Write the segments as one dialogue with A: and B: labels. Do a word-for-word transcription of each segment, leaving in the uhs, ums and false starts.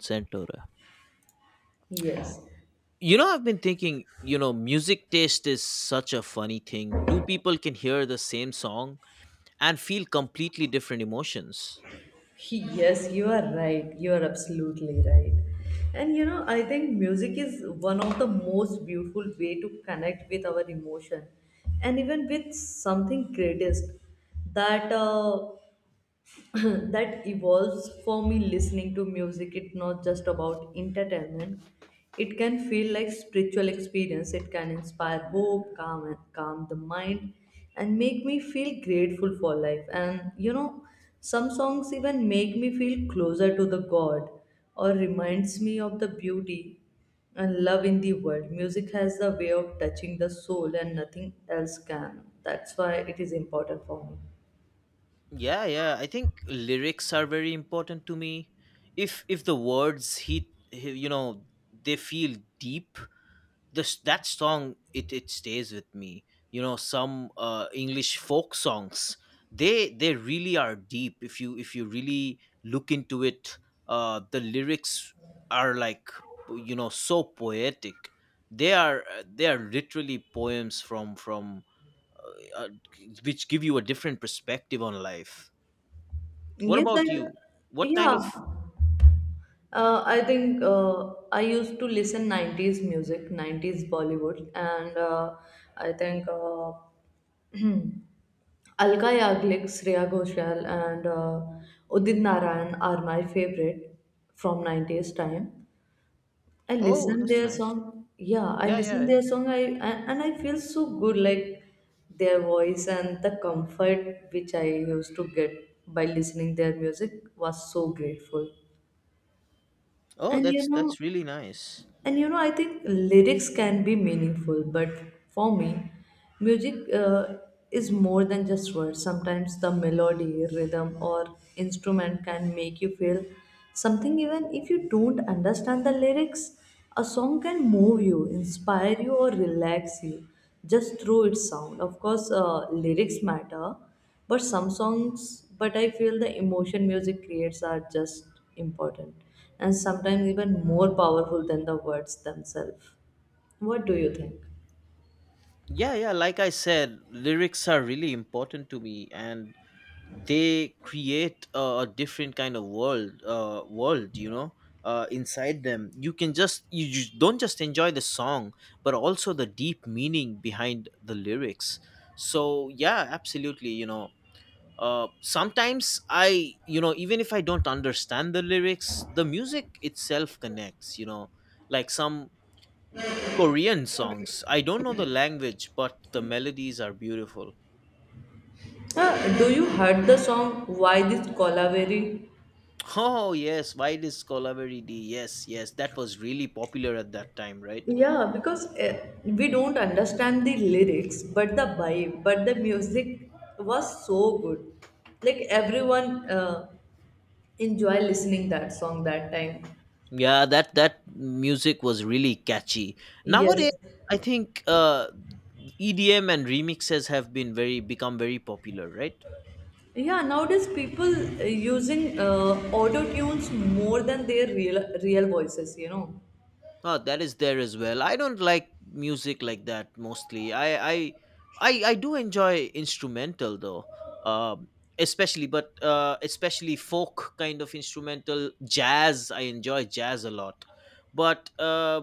A: Santora.
B: Yes,
A: You know, I've been thinking, you know, music taste is such a funny thing. Two people can hear the same song and feel completely different emotions.
B: He- yes, you are right. You are absolutely right. And you know, I think music is one of the most beautiful way to connect with our emotion and even with something greatest that uh, that evolves for me listening to music it's not just about entertainment. It can feel like spiritual experience. It can inspire hope, calm and calm the mind and make me feel grateful for life. And you know, some songs even make me feel closer to the god or reminds me of the beauty and love in the world. Music has the way of touching the soul and nothing else can. That's why it is important for
A: Yeah, yeah. I think lyrics are very important to me. If if the words hit, you know, they feel deep, this that song, it it stays with me. You know, some uh english folk songs, they they really are deep if you if you really look into it. Uh the lyrics are like, you know, so poetic. They are uh, they are literally poems from from uh, which give you a different perspective on life.
B: me.
A: What
B: Yes, I,
A: about you? What kind of?
B: yeah. Uh, I think uh, I used to listen nineties music, nineties Bollywood, and uh, I think uh, Alka Yaglik, Shreya Ghoshal, and uh, Udit Narayan are my favorite from nineties time. I
A: Oh,
B: listen
A: that's
B: their
A: nice.
B: song. Yeah, I
A: Yeah, yeah,
B: listen
A: yeah.
B: their song. I and, and I feel so good, like their voice and the comfort which I used to get by listening their music was so grateful.
A: Oh,
B: And
A: that's
B: you know,
A: that's really nice.
B: and you know, I think lyrics can be meaningful, but for me, music uh, is more than just words. Sometimes the melody, rhythm, or instrument can make you feel something even if you don't understand the lyrics. A song can move you, inspire you, or relax you just through its sound. Of course, uh, lyrics matter but some songs, but I feel the emotion music creates are just important and sometimes even more powerful than the words themselves. What do you think?
A: Yeah, yeah. Like I said, lyrics are really important to me, and they create a, a different kind of world. Uh, world, you know, uh, inside them, you can just you, you don't just enjoy the song, but also the deep meaning behind the lyrics. So yeah, absolutely. You know, uh, sometimes I, you know, even if I don't understand the lyrics, the music itself connects. You know, like some Korean songs. I don't know the language, but the melodies are beautiful.
B: Uh, do you heard the song Why This Colaveri?
A: Oh, yes, why this Colaveri D? Yes, yes, that was really popular at that time, right?
B: Yeah, because uh, we don't understand the lyrics, but the vibe, but the music was so good. Like everyone uh, enjoy listening that song that time.
A: Yeah, that that music was really catchy. Nowadays,
B: Yes,
A: I think uh, E D M and remixes have been very become very popular, right?
B: yeah, nowadays people uh, using uh, auto tunes more than their real real voices, you know.
A: Oh, that is there as well. I don't like music like that mostly. I I I, I do enjoy instrumental though, um, especially but uh, especially folk kind of instrumental jazz. I enjoy jazz a lot, but uh,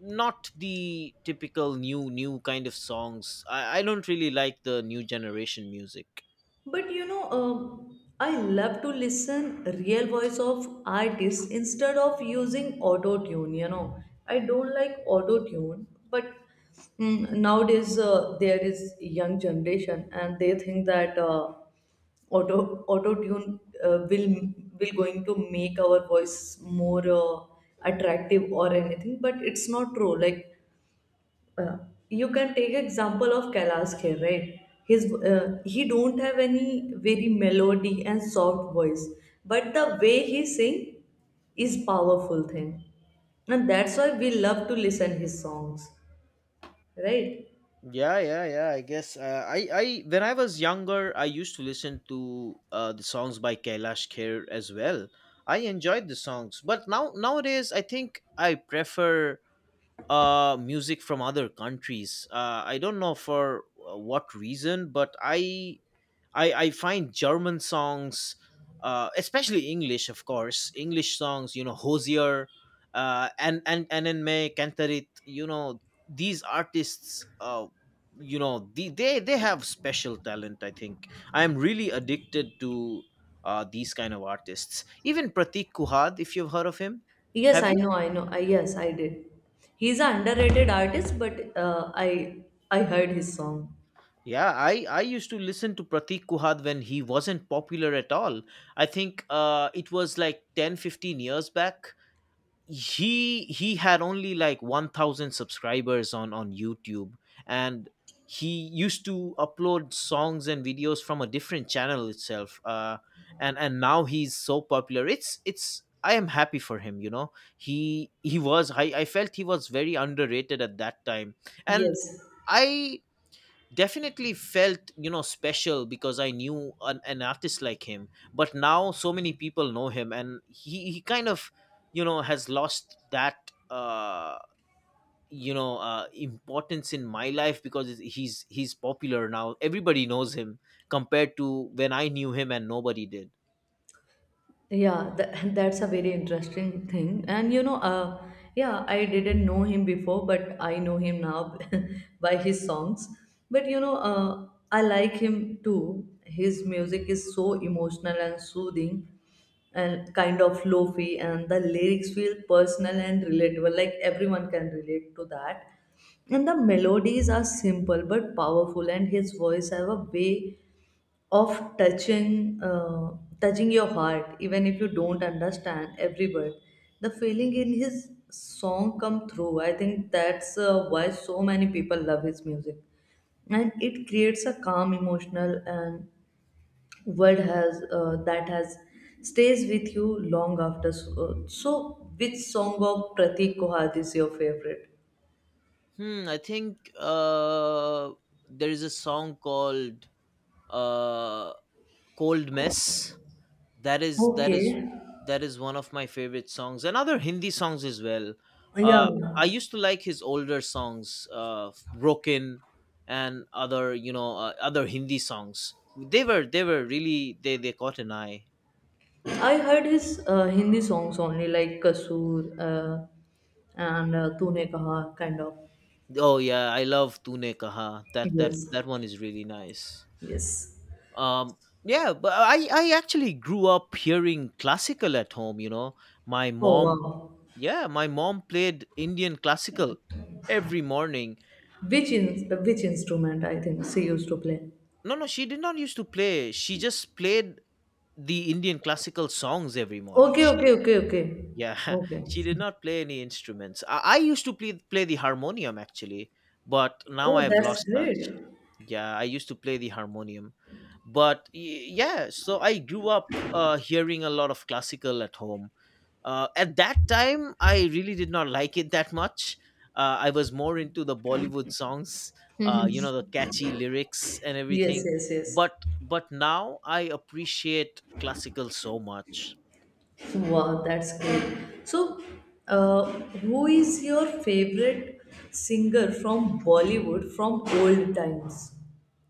A: not the typical new new kind of songs. I, I don't really like the new generation music.
B: But you know, um, I love to listen real voice of artists instead of using auto tune. You know, I don't like auto tune, but mm, nowadays uh, there is young generation and they think that uh, auto auto tune uh, will will going to make our voice more uh, attractive or anything. But it's not true. Like uh, you can take example of Kailash Kher, right? His uh, he don't have any very melody and soft voice, but the way he sing is powerful thing, and that's why we love to listen his songs, right?
A: Yeah, yeah, yeah. I guess uh, I, I, when I was younger, I used to listen to uh, the songs by Kailash Kher as well. I enjoyed the songs, but now nowadays, I think I prefer uh, music from other countries. Uh, I don't know for uh, what reason, but I I, I find German songs, uh, especially English, of course, English songs, you know, Hosier, uh, and and and in May Cantarit, you know, these artists, uh, you know, the, they they have special talent. I think I am really addicted to uh, these kind of artists. Even Pratik Kuhad, if you've heard of him,
B: Yes,
A: have
B: I
A: you?
B: know, I know. I, yes, I did. He's an underrated artist, but uh, I I heard his song.
A: Yeah, I, I used to listen to Pratik Kuhad when he wasn't popular at all. I think uh, it was like ten fifteen years back. he he had only like one thousand subscribers on on youtube, and he used to upload songs and videos from a different channel itself, uh and and now he's so popular. It's it's I am happy for him. You know, he he was, i i felt he was very underrated at that time, and
B: Yes,
A: I definitely felt, you know, special because I knew an, an artist like him, but now so many people know him, and he, he kind of, you know, has lost that uh you know uh importance in my life because it's- he's he's popular now, everybody knows him compared to when I knew him and nobody did.
B: yeah, tha- that's a very interesting thing. And you know, uh, yeah, I didn't know him before, but I know him now by his songs. But you know, uh, I like him too. His music is so emotional and soothing and kind of lofi, and the lyrics feel personal and relatable. Like everyone can relate to that. And the melodies are simple but powerful, and his voice have a way of touching uh, touching your heart even if you don't understand every word. The feeling in his song come through. I think that's uh, why so many people love his music and it creates a calm emotional and word has uh, that has stays with you long after. So, uh, so which song of Pratik Kohad is your favorite?
A: Hmm, I think uh, there is a song called uh, "Cold Mess". that is that
B: Okay.
A: is that is one of my favorite songs, and other hindi songs as well.
B: Yeah,
A: uh I used to like his older songs, uh broken and other, you know, uh, other hindi songs. They were they were really, they they caught an eye.
B: I heard his uh, Hindi songs only, like Kasoor uh, and uh, Tune Kaha, kind of.
A: Oh yeah, I love tune kaha. that that
B: Yes,
A: that one is really nice.
B: yes.
A: um yeah, but i i actually grew up hearing classical at home, you know. My
B: Oh
A: mom,
B: wow!
A: yeah, my mom played indian classical every morning.
B: Which in which instrument I think she used to play?
A: No, no, she did not used to play. She just played the Indian classical songs every morning.
B: Okay,
A: She,
B: okay, okay, okay,
A: yeah,
B: okay.
A: she did not play any instruments. I, I used to play play the harmonium actually, but now
B: Oh,
A: I've
B: that's
A: lost
B: great.
A: touch. Yeah, I used to play the harmonium, but y- yeah, so I grew up uh, hearing a lot of classical at home. Uh, at that time, I really did not like it that much. Uh, I was more into the Bollywood songs, uh, you know, the catchy lyrics and
B: Yes,
A: everything.
B: yes, yes.
A: But but now I appreciate classical so much.
B: Wow, that's great. So, uh, who is your favorite singer from Bollywood from old times?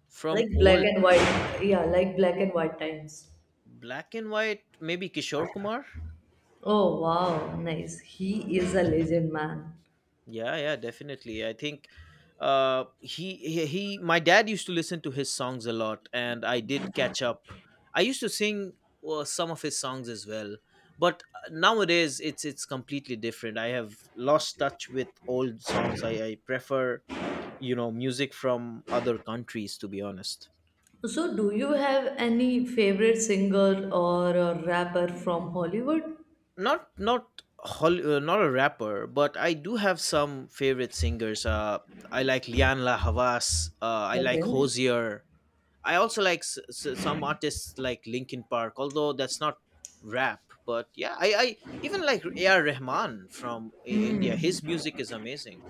A: From
B: Like black
A: old
B: and
A: time.
B: white, yeah, like black and white times.
A: Black and white, maybe Kishore Kumar.
B: Oh wow, nice. He is a legend, man.
A: Yeah, yeah, definitely. I think uh he, he he my dad used to listen to his songs a lot, and I did catch up. I used to sing uh, some of his songs as well. But uh, nowadays it's it's completely different. I have lost touch with old songs. I I prefer, you know, music from other countries to be honest.
B: So, do you have any favorite singer or a rapper from Hollywood?
A: Not not Hol- uh, not a rapper, but I do have some favorite singers. Uh, I like Lian La Havas. Uh, I like
B: Okay.
A: Hosier. I also like s- s- some artists like Linkin Park, although that's not rap. But yeah, I, I even like A R. Rahman from I- India. His music is amazing.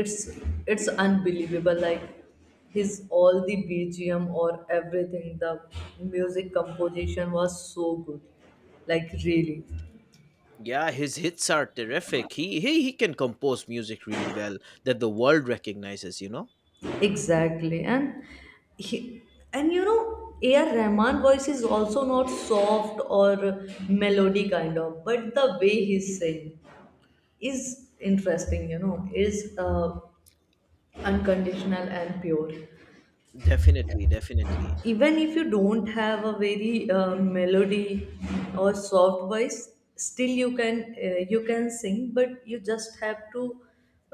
B: It's it's unbelievable. Like his all the B G M or everything, the music composition was so good. Like really,
A: Yeah, his hits are terrific. He, he he can compose music really well, that the world recognizes. You know.
B: exactly. And he and you know, A R. Rahman voice is also not soft or melody kind of, but the way he sings. Is interesting you know, is uh, unconditional and pure.
A: Definitely, definitely.
B: Even if you don't have a very uh, melody or soft voice still you can uh, you can sing, but you just have to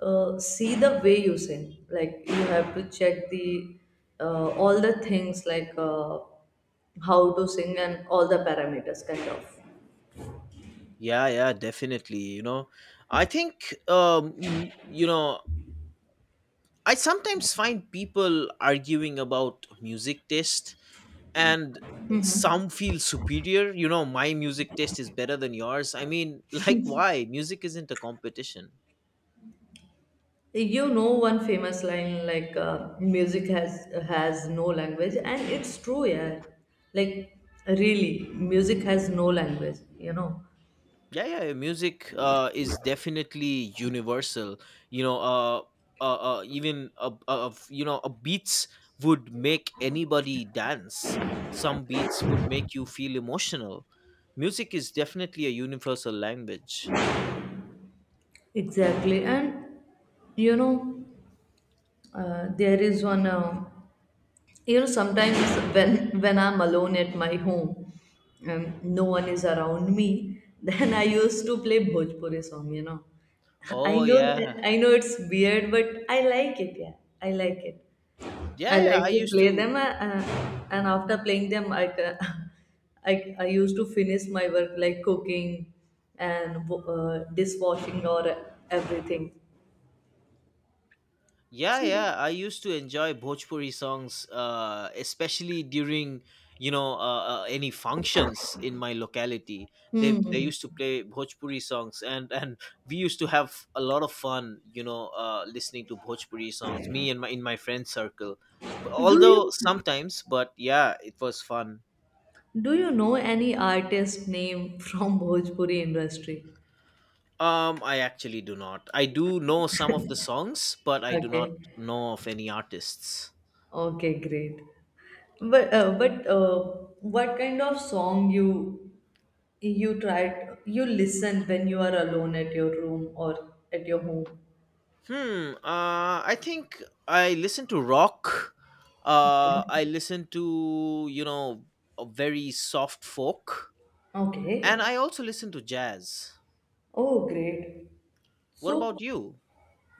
B: uh, see the way you sing. Like you have to check the uh, all the things like uh, how to sing and all the parameters kind of.
A: Yeah, yeah, definitely. You know, I think um you know, I sometimes find people arguing about music taste, and some feel superior. You know, my music taste is better than yours. I mean, like, why? Music isn't a competition.
B: You know one famous line like uh, music has has no language and it's true. Yeah, like really music has no language, you know?
A: Yeah, yeah, yeah, music uh, is definitely universal. You know, uh, uh, uh, even a, a, a- you know, a beats would make anybody dance. Some beats would make you feel emotional. Music is definitely a universal language.
B: Exactly. And you know, uh, there is one uh, you know sometimes when when I'm alone at my home, um, no one is around me, then I used to play Bhojpuri song, you know. I
A: Oh
B: know,
A: yeah.
B: I know it's weird but I like it. Yeah, I like it. I
A: Yeah, yeah.
B: like
A: I
B: to
A: used
B: play
A: to.
B: them, uh, uh, and after playing them, I, ca- I I used to finish my work like cooking and wo- uh, dishwashing or everything.
A: Yeah,
B: So,
A: yeah. I used to enjoy Bhojpuri songs, uh, especially during, you know, uh, uh, any functions in my locality. They they
B: hmm,
A: used to play Bhojpuri songs, and and we used to have a lot of fun, you know, uh, listening to Bhojpuri songs. Me and my in my friend circle, B-
B: do
A: although
B: you
A: sometimes, but yeah, it was fun.
B: do you know any artist name from Bhojpuri industry?
A: Um, I actually do not. I do know some of the songs, but I do not
B: Okay,
A: know of any artists.
B: okay, great. But uh, but uh, what kind of song you you tried you listen when you are alone at your room or at your home?
A: Hmm. Uh, I think I listen to rock. Uh, I
B: Okay.
A: listen to, you know, a very soft folk, and
B: Okay.
A: I also listen to jazz.
B: Oh, great.
A: What
B: So,
A: about you?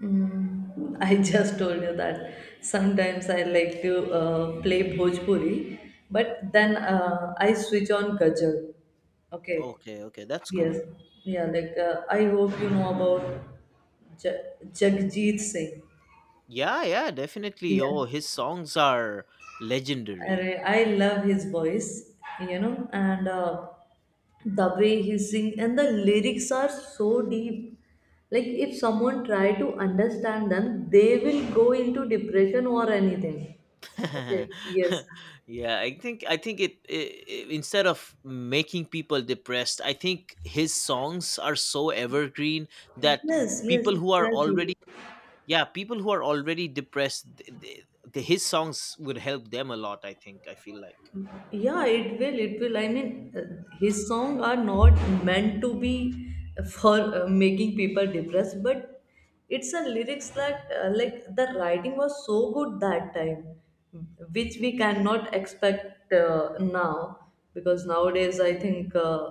B: mm, I just told you that sometimes I like to uh, play Bhojpuri, but then uh, I switch on Kajal. Okay.
A: Okay, okay, that's
B: Yes.
A: cool.
B: Yeah. Like uh, I hope you know about Ja- Jagjit Singh.
A: Yeah, yeah, definitely.
B: Yeah.
A: Oh, his songs are
B: I,
A: legendary.
B: I love his voice, you know, and uh, the way he sings, and the lyrics are so deep. Like, if someone try to understand them, they will go into depression or anything. Okay, yes.
A: Yeah, I think I think it, i i- instead of making people depressed, I think his songs are so evergreen that
B: Yes, yes,
A: people who are already,
B: exactly.
A: yeah, people who are already depressed, th th the, his songs would help them a lot, I think. I feel like,
B: Yeah, it will it will I mean uh, his song are not meant to be for uh, making people depressed, but it's a lyrics that uh, like the writing was so good that time which we cannot expect uh, now, because nowadays I think uh,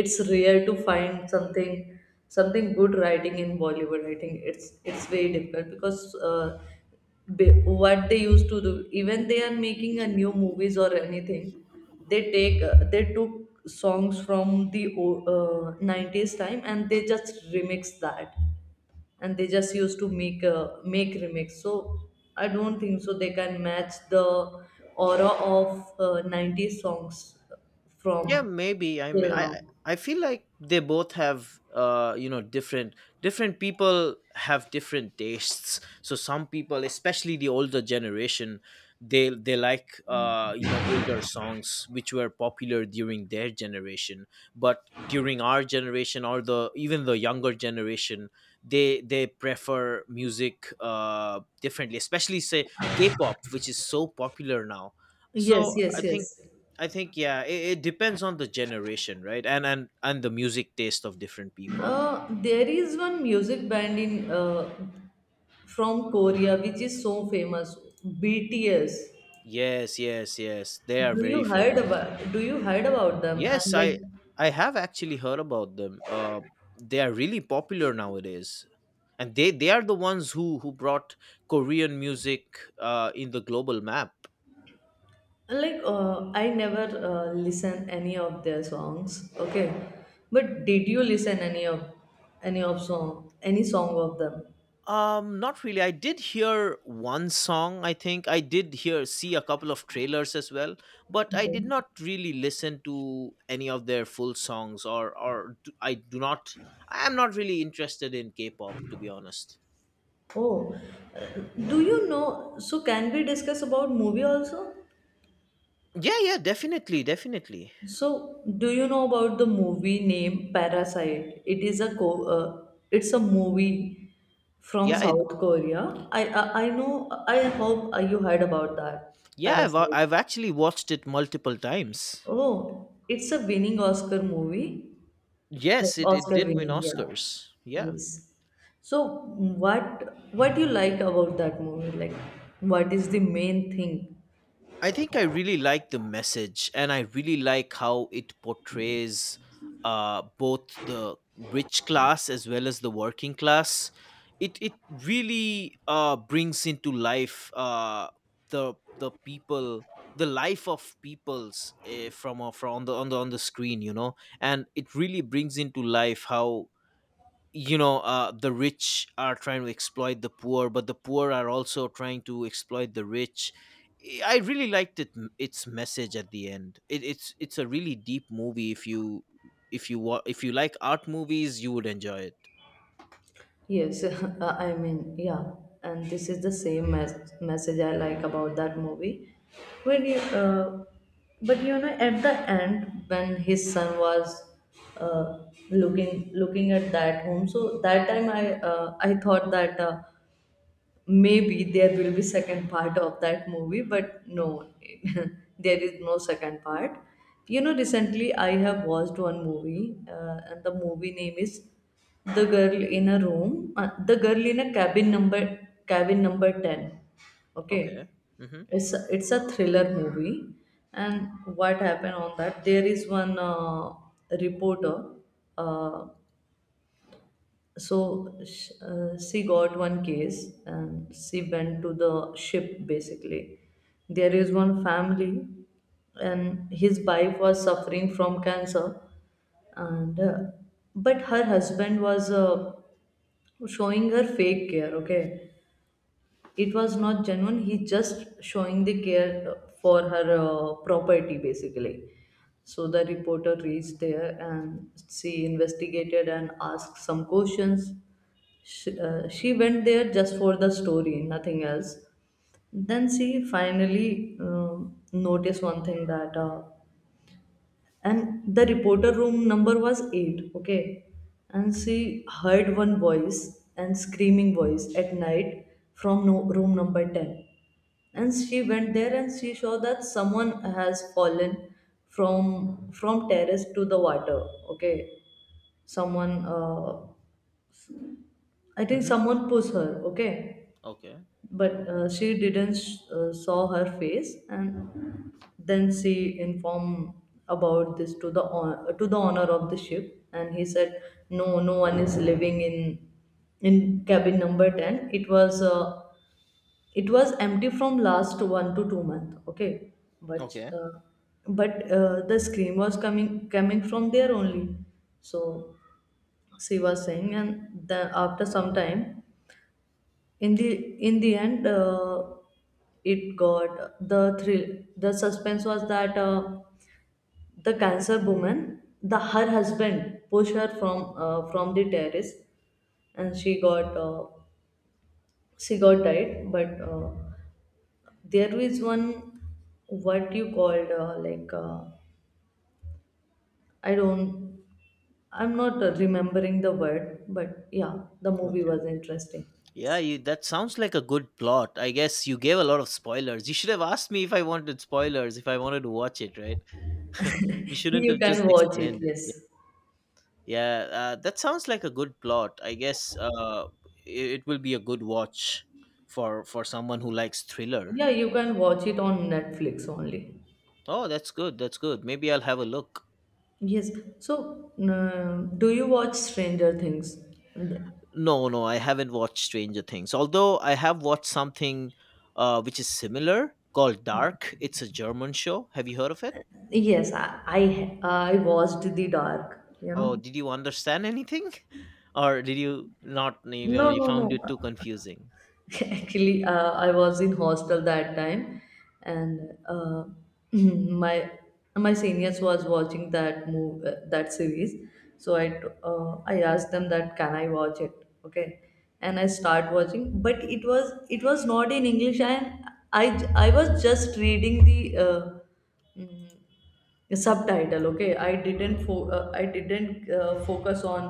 B: it's rare to find something something good writing in Bollywood. I think it's it's very difficult because uh, be- what they used to do, even they are making a new movies or anything, they take uh, they took songs from the o- uh, nineties time and they just remix that and they just used to make uh, make remix. So I don't think so they can match the aura of uh, nineties songs
A: yeah,
B: from
A: maybe. I
B: till
A: mean, i
B: now.
A: i I feel like they both have uh you know different. Different people have different tastes, so some people, especially the older generation, they they like uh you know older songs which were popular during their generation, but during our generation or the even the younger generation, they they prefer music uh differently, especially say k-pop, which is so popular now. so
B: Yes,
A: i
B: yes, yes.
A: think I think, yeah, it, it depends on the generation, right? And and and the music taste of different people.
B: Uh, there is one music band in uh, from Korea, which is so famous, B T S.
A: Yes, yes, yes. They are
B: Do
A: very
B: you heard
A: famous.
B: about? Do you heard about them?
A: Yes,
B: And like,
A: I I have actually heard about them. Uh, they are really popular nowadays, and they they are the ones who who brought Korean music uh in the global map.
B: like uh, I never uh, listen any of their songs. Okay, but did you listen any of any of song any song of them?
A: Um, not really. I did hear one song, I think. I did hear see a couple of trailers as well, but I did
B: Okay.
A: not really listen to any of their full songs or or d- I do not. I am not really interested in K-pop to be honest.
B: Oh, uh, do you know? So can we discuss about movie also?
A: Yeah, yeah, definitely, definitely.
B: So, do you know about the movie name Parasite? It is a co- uh, it's a movie from
A: Yeah, it,
B: South Korea. I, I I know. I hope uh, you heard about that
A: yeah, I've I've
B: Parasite.
A: actually watched it multiple times.
B: Oh, it's a winning Oscar movie, like
A: Yes, it it
B: Oscar
A: did win
B: winning. Yeah,
A: Oscars. Yeah.
B: yes. So, what what you like about that movie? Like, what is the main thing?
A: I think I really like the message, and I really like how it portrays uh, both the rich class as well as the working class. It it really uh, brings into life uh, the the people, the life of peoples uh, from, a- from on the on the on the screen, you know, and it really brings into life how, you know, uh, the rich are trying to exploit the poor, but the poor are also trying to exploit the rich. Eh, I really liked it. Its message at the end, it, it's it's a really deep movie. If you if you wa- if you like art movies, you would enjoy it.
B: Yes, uh, I mean, yeah, and this is the same mes- message I like about that movie. When you, uh, but you know, at the end, when his son was uh, looking looking at that home, so that time I uh, I thought that uh, maybe there will be second part of that movie, but no, there is no second part. You know, recently I have watched one movie, uh, and the movie name is "The Girl in a Room," uh, "The Girl in a Cabin Number Cabin Number ten."
A: Okay.
B: Okay,
A: Mm-hmm.
B: it's a, it's a thriller movie, and what happened on that? There is one uh, reporter. Uh, so sh- uh, she got one case and she went to the ship. Basically there is one family, and his wife was suffering from cancer, and uh, but her husband was uh, showing her fake care. Okay, it was not genuine. He just showing the care for her uh, property basically. So the reporter reached there and she investigated and asked some questions. She, uh, she went there just for the story, nothing else. Then she finally um noticed one thing that uh, and the reporter room number was eight. Okay. And she heard one voice and screaming voice at night from, no, room number ten. And she went there and she saw that someone has fallen from from terrace to the water. Okay. Someone, uh, I think
A: Mm-hmm.
B: someone pushed her. Okay.
A: Okay.
B: But uh, she didn't uh, saw her face. And then she informed about this to the hon- to the owner of the ship, and he said no, no one is living in in cabin number ten. It was uh, it was empty from last one to two month. Okay. but
A: Okay,
B: uh, but uh, the scream was coming coming from there only. So she was saying, and the, after some time, in the in the end uh, it got the thrill. The suspense was that uh, the cancer woman, the her husband pushed her from uh, from the terrace, and she got uh, she got died. But uh, there is one, what you called, uh, like, uh, i don't i'm not uh, remembering the word. But yeah, the movie
A: okay.
B: was interesting.
A: Yeah,
B: Yes.
A: you, that sounds like a good plot. I guess you gave a lot of spoilers. You should have asked me if I wanted spoilers, if I wanted to watch it, right? You shouldn't
B: You
A: have just
B: can watch it.
A: explained it.
B: Yes.
A: Yeah, uh, that sounds like a good plot. I guess uh, it, it will be a good watch for for someone who likes thriller.
B: Yeah, you can watch it on Netflix only.
A: Oh, that's good. That's good. Maybe I'll have a look.
B: Yes. So uh, do you watch Stranger Things?
A: No, no, I haven't watched Stranger Things. Although I have watched something uh, which is similar called Dark. It's a German show. Have you heard of it?
B: Yes. I i, I watched the Dark, you
A: Oh,
B: know.
A: did you understand anything, or did you not? You know,
B: No,
A: you
B: no, no.
A: found it too confusing.
B: Actually, uh, I was in hostel that time, and uh, my my seniors was watching that move uh, that series. So I t- uh, I asked them that can I watch it? Okay, and I start watching, but it was it was not in English, and I I was just reading the. Uh, mm, a subtitle. Okay. I didn't fo- uh, i didn't uh, focus on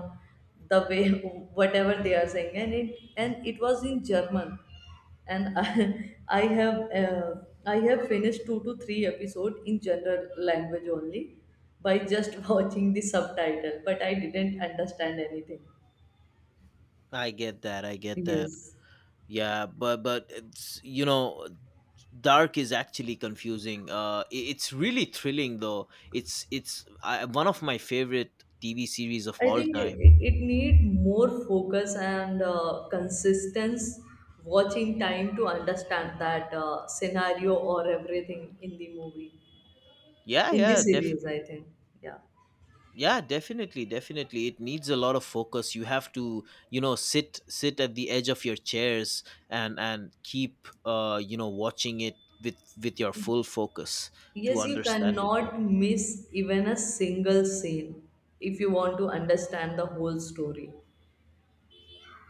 B: the way whatever they are saying. And it and it was in German. And i, I have uh, i have finished two to three episode in general language only, by just watching the subtitle. But I didn't understand anything.
A: I get that. I get that.
B: Yes.
A: Yeah, but but it's, you know Dark is actually confusing. Uh, i- it's really thrilling though. It's it's I, one of my favorite T V series of
B: I
A: all
B: think
A: time.
B: it, it need more focus and uh, consistence watching time to understand that uh, scenario or everything in the movie, uh,
A: Yeah,
B: in the
A: yeah, def-
B: series, I think. Yeah.
A: yeah, definitely, definitely. It needs a lot of focus. You have to, you know, sit sit at the edge of your chairs and and keep, uh, you know, watching it with with your full focus to
B: Yes. You
A: understand it
B: cannot
A: properly.
B: miss even a single scene if you want to understand the whole story.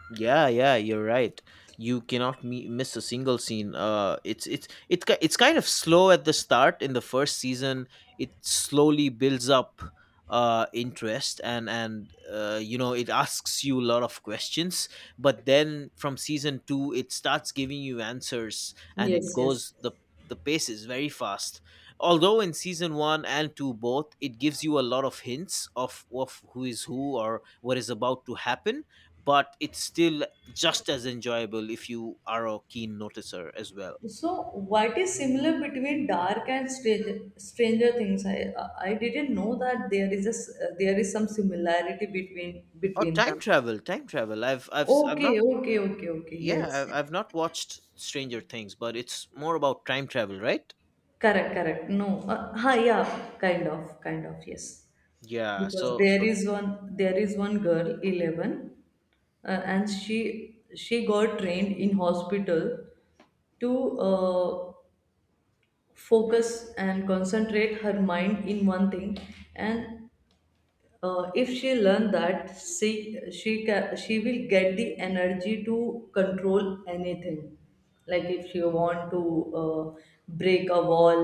A: Yeah, yeah, you're right. You cannot mi- miss a single scene. Uh, it's it's it's ki- it's kind of slow at the start in the first season. It slowly builds up uh interest and and uh, you know, it asks you a lot of questions. But then from season two, it starts giving you answers, and it
B: Yes. Yes.
A: goes the the pace is very fast. Although in season one and two both, it gives you a lot of hints of of who is who or what is about to happen but it's still just as enjoyable if you are a keen noticer as well.
B: So, what is similar between Dark and Stranger, Stranger Things? I I didn't know that there is a s- uh, there is some similarity between
A: Oh,
B: between
A: time
B: them.
A: travel, time travel. I've I've s- I've not
B: Okay, okay, okay, okay.
A: yeah,
B: Yes,
A: I've, I've not watched Stranger Things, but it's more about time travel, right?
B: correct, correct. No, uh, ha, yeah, kind of, kind of. Yes,
A: Yeah,
B: because
A: so
B: there
A: so
B: is one there is one girl, eleven, uh, and she she got trained in hospital to uh, focus and concentrate her mind in one thing. And uh, if she learn that, she she can, she will get the energy to control anything. Like if she want to uh, break a wall.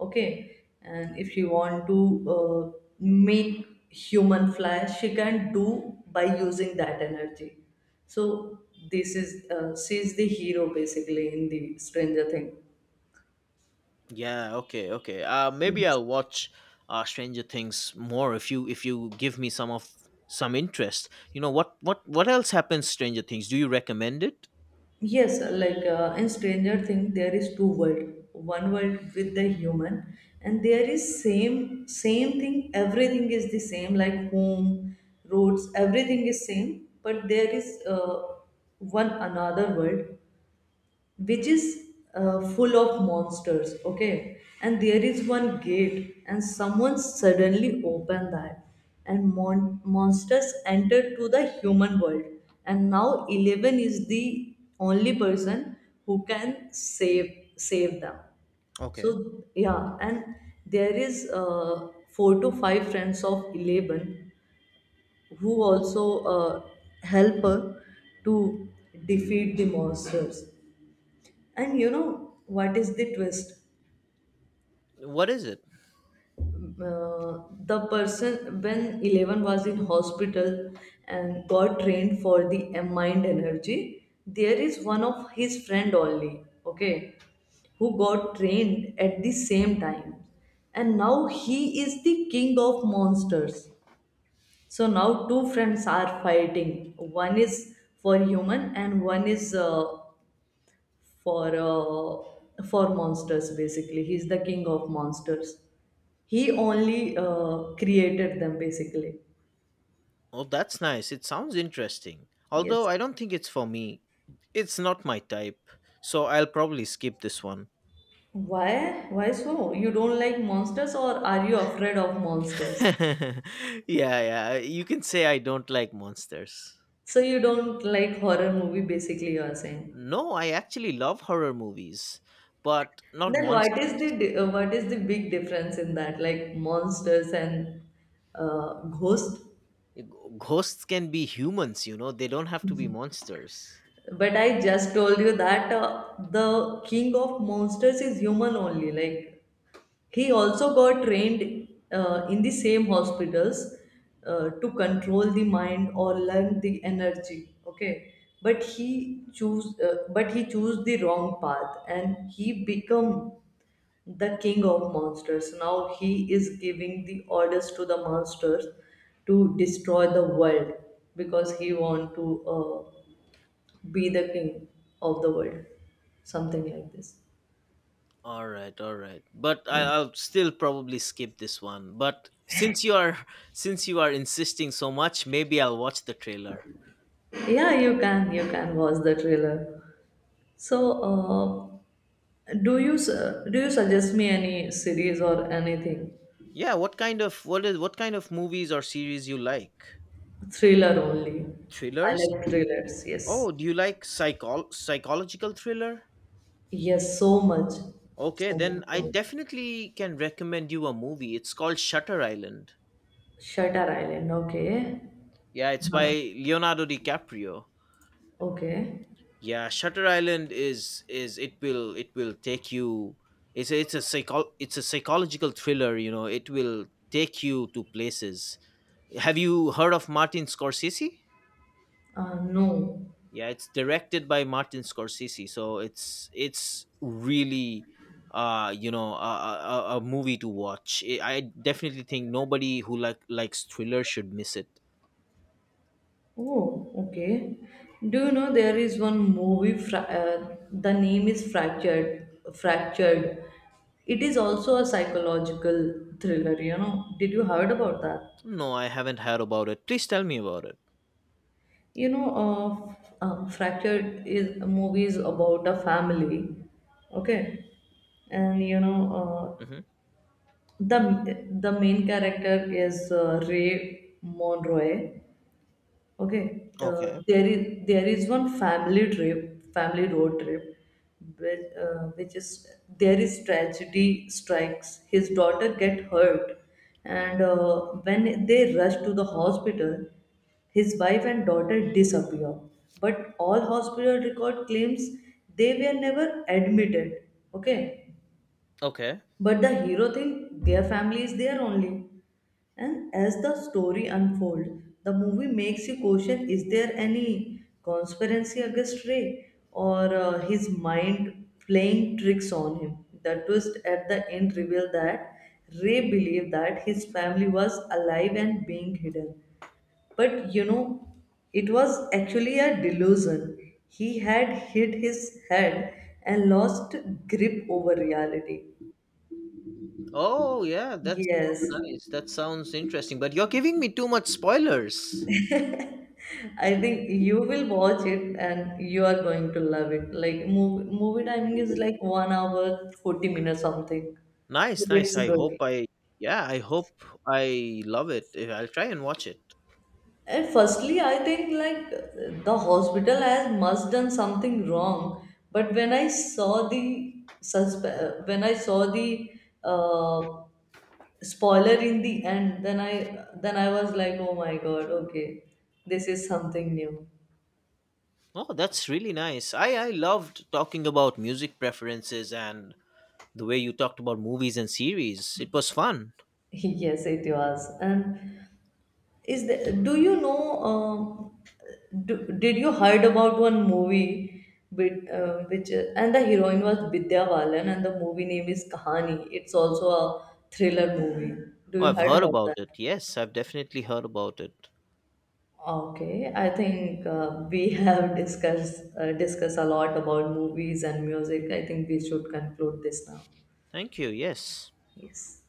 B: Okay. And if she want to uh, make human fly, she can do by using that energy. So this is uh, she is the hero basically in the Stranger Thing.
A: yeah, okay, okay. Uh maybe I'll watch uh Stranger Things more if you if you give me some of some interest. You know what what what else happens Stranger Things? Do you recommend it?
B: Yes, like uh, in Stranger Things, there is two world. One world with the human, and there is same same thing. Everything is the same, like home, roads, everything is same. But there is uh, one another world which is uh, full of monsters. Okay. And there is one gate, and someone suddenly opened that. And mon- monsters entered to the human world. And now eleven is the only person who can save save them.
A: Okay.
B: So yeah, and there is uh, four to five friends of Eleven who also uh, help her to defeat the monsters. And you know what is the twist?
A: What is it?
B: Uh, the person, when Eleven was in hospital and got trained for the mind energy, there is one of his friend only. Okay, who got trained at the same time, and now he is the king of monsters. So now two friends are fighting. One is for human and one is uh, for uh, for monsters. Basically he's the king of monsters. He only uh, created them basically.
A: Oh, that's nice. It sounds interesting. Although
B: Yes.
A: I don't think it's for me. It's not my type. So I'll probably skip this one.
B: Why why so? You don't like monsters, or are you afraid of monsters?
A: yeah, yeah. You can say I don't like monsters.
B: So you don't like horror movie basically, you are saying?
A: No, I actually love horror movies, but not
B: Then what is the
A: monsters.
B: di- uh, what is the big difference in that, like, monsters and uh, ghost?
A: G- Ghosts can be humans, you know, they don't have to be monsters.
B: But I just told you that uh, the king of monsters is human only. Like he also got trained uh, in the same hospitals, uh, to control the mind or learn the energy. Okay, but he choose uh, but he chose the wrong path, and he become the king of monsters. Now he is giving the orders to the monsters to destroy the world, because he want to. Uh, be the king of the world, something like this.
A: All right, all right. But I,
B: Yes.
A: I'll still probably skip this one. But since you are since you are insisting so much, maybe I'll watch the trailer.
B: Yeah, you can, you can watch the trailer. So uh, do you su- do you suggest me any series or anything?
A: Yeah, what kind of what is what kind of movies or series you like?
B: Thriller only. I
A: Thrillers?
B: like thrillers. Yes.
A: Oh, do you like psychol psychological thriller?
B: Yes, so much,
A: Okay,
B: so
A: then
B: much, so
A: I
B: much.
A: definitely can recommend you a movie. It's called Shutter Island.
B: Shutter Island, okay.
A: Yeah, it's
B: uh
A: by Leonardo DiCaprio.
B: okay.
A: Yeah, Shutter Island is is it will it will take you it's a, it's a psycho it's a psychological thriller, you know. It will take you to places. Have you heard of Martin Scorsese?
B: Uh, no.
A: Yeah, it's directed by Martin Scorsese, so it's it's really uh you know a, a, a a movie to watch. I I definitely think nobody who like likes thriller should miss it.
B: Oh, okay. Do you know there is one movie? Fra- uh, the name is Fractured. Fractured. It is also a psychological thriller. You know. Did you heard about that?
A: No, I haven't heard about it. Please tell me about it.
B: You know, uh, f- um, Fractured is a movie is about a family. Okay, and you know, uh,
A: Hmm
B: the the main character is uh, Ray Monroe. Okay, uh,
A: Okay.
B: there is there is one family trip, family road trip, which, uh, which is there is tragedy strikes. His daughter get hurt, and uh, when they rush to the hospital, his wife and daughter disappear. But all hospital record claims they were never admitted. Okay,
A: Okay.
B: but the hero think their family is there only. And as the story unfolds, the movie makes you question, is there any conspiracy against Ray, or uh, his mind playing tricks on him? The twist at the end revealed that Ray believed that his family was alive and being hidden. But you know, it was actually a delusion. He had hit his head and lost grip over reality.
A: Oh yeah, that's
B: Yes,
A: nice. That sounds interesting. But you're giving me too much spoilers.
B: I think you will watch it and you are going to love it. Like, movie, movie timing is like one hour, forty minutes something. But
A: Nice, nice.
B: it's
A: I hope
B: good.
A: I yeah, I hope I love it. I'll try and watch it.
B: And firstly, I think like the hospital has must done something wrong. But when I saw the suspe- when I saw the uh, spoiler in the end, then I then I was like, oh my god, okay, this is something new.
A: Oh, that's really nice. I I loved talking about music preferences and the way you talked about movies and series. It was fun.
B: Yes, it was. And Is the, do you know? Um, do, did you heard about one movie, with, uh, which uh, and the heroine was Vidya Balan and the movie name is Kahani. It's also a thriller movie. Do
A: Oh,
B: you
A: I've
B: heard
A: heard
B: about
A: about
B: that?
A: it. Yes, I've definitely heard about it.
B: Okay, I think uh, we have discussed uh, discussed a lot about movies and music. I think we should conclude this now.
A: Thank you. Yes.
B: Yes.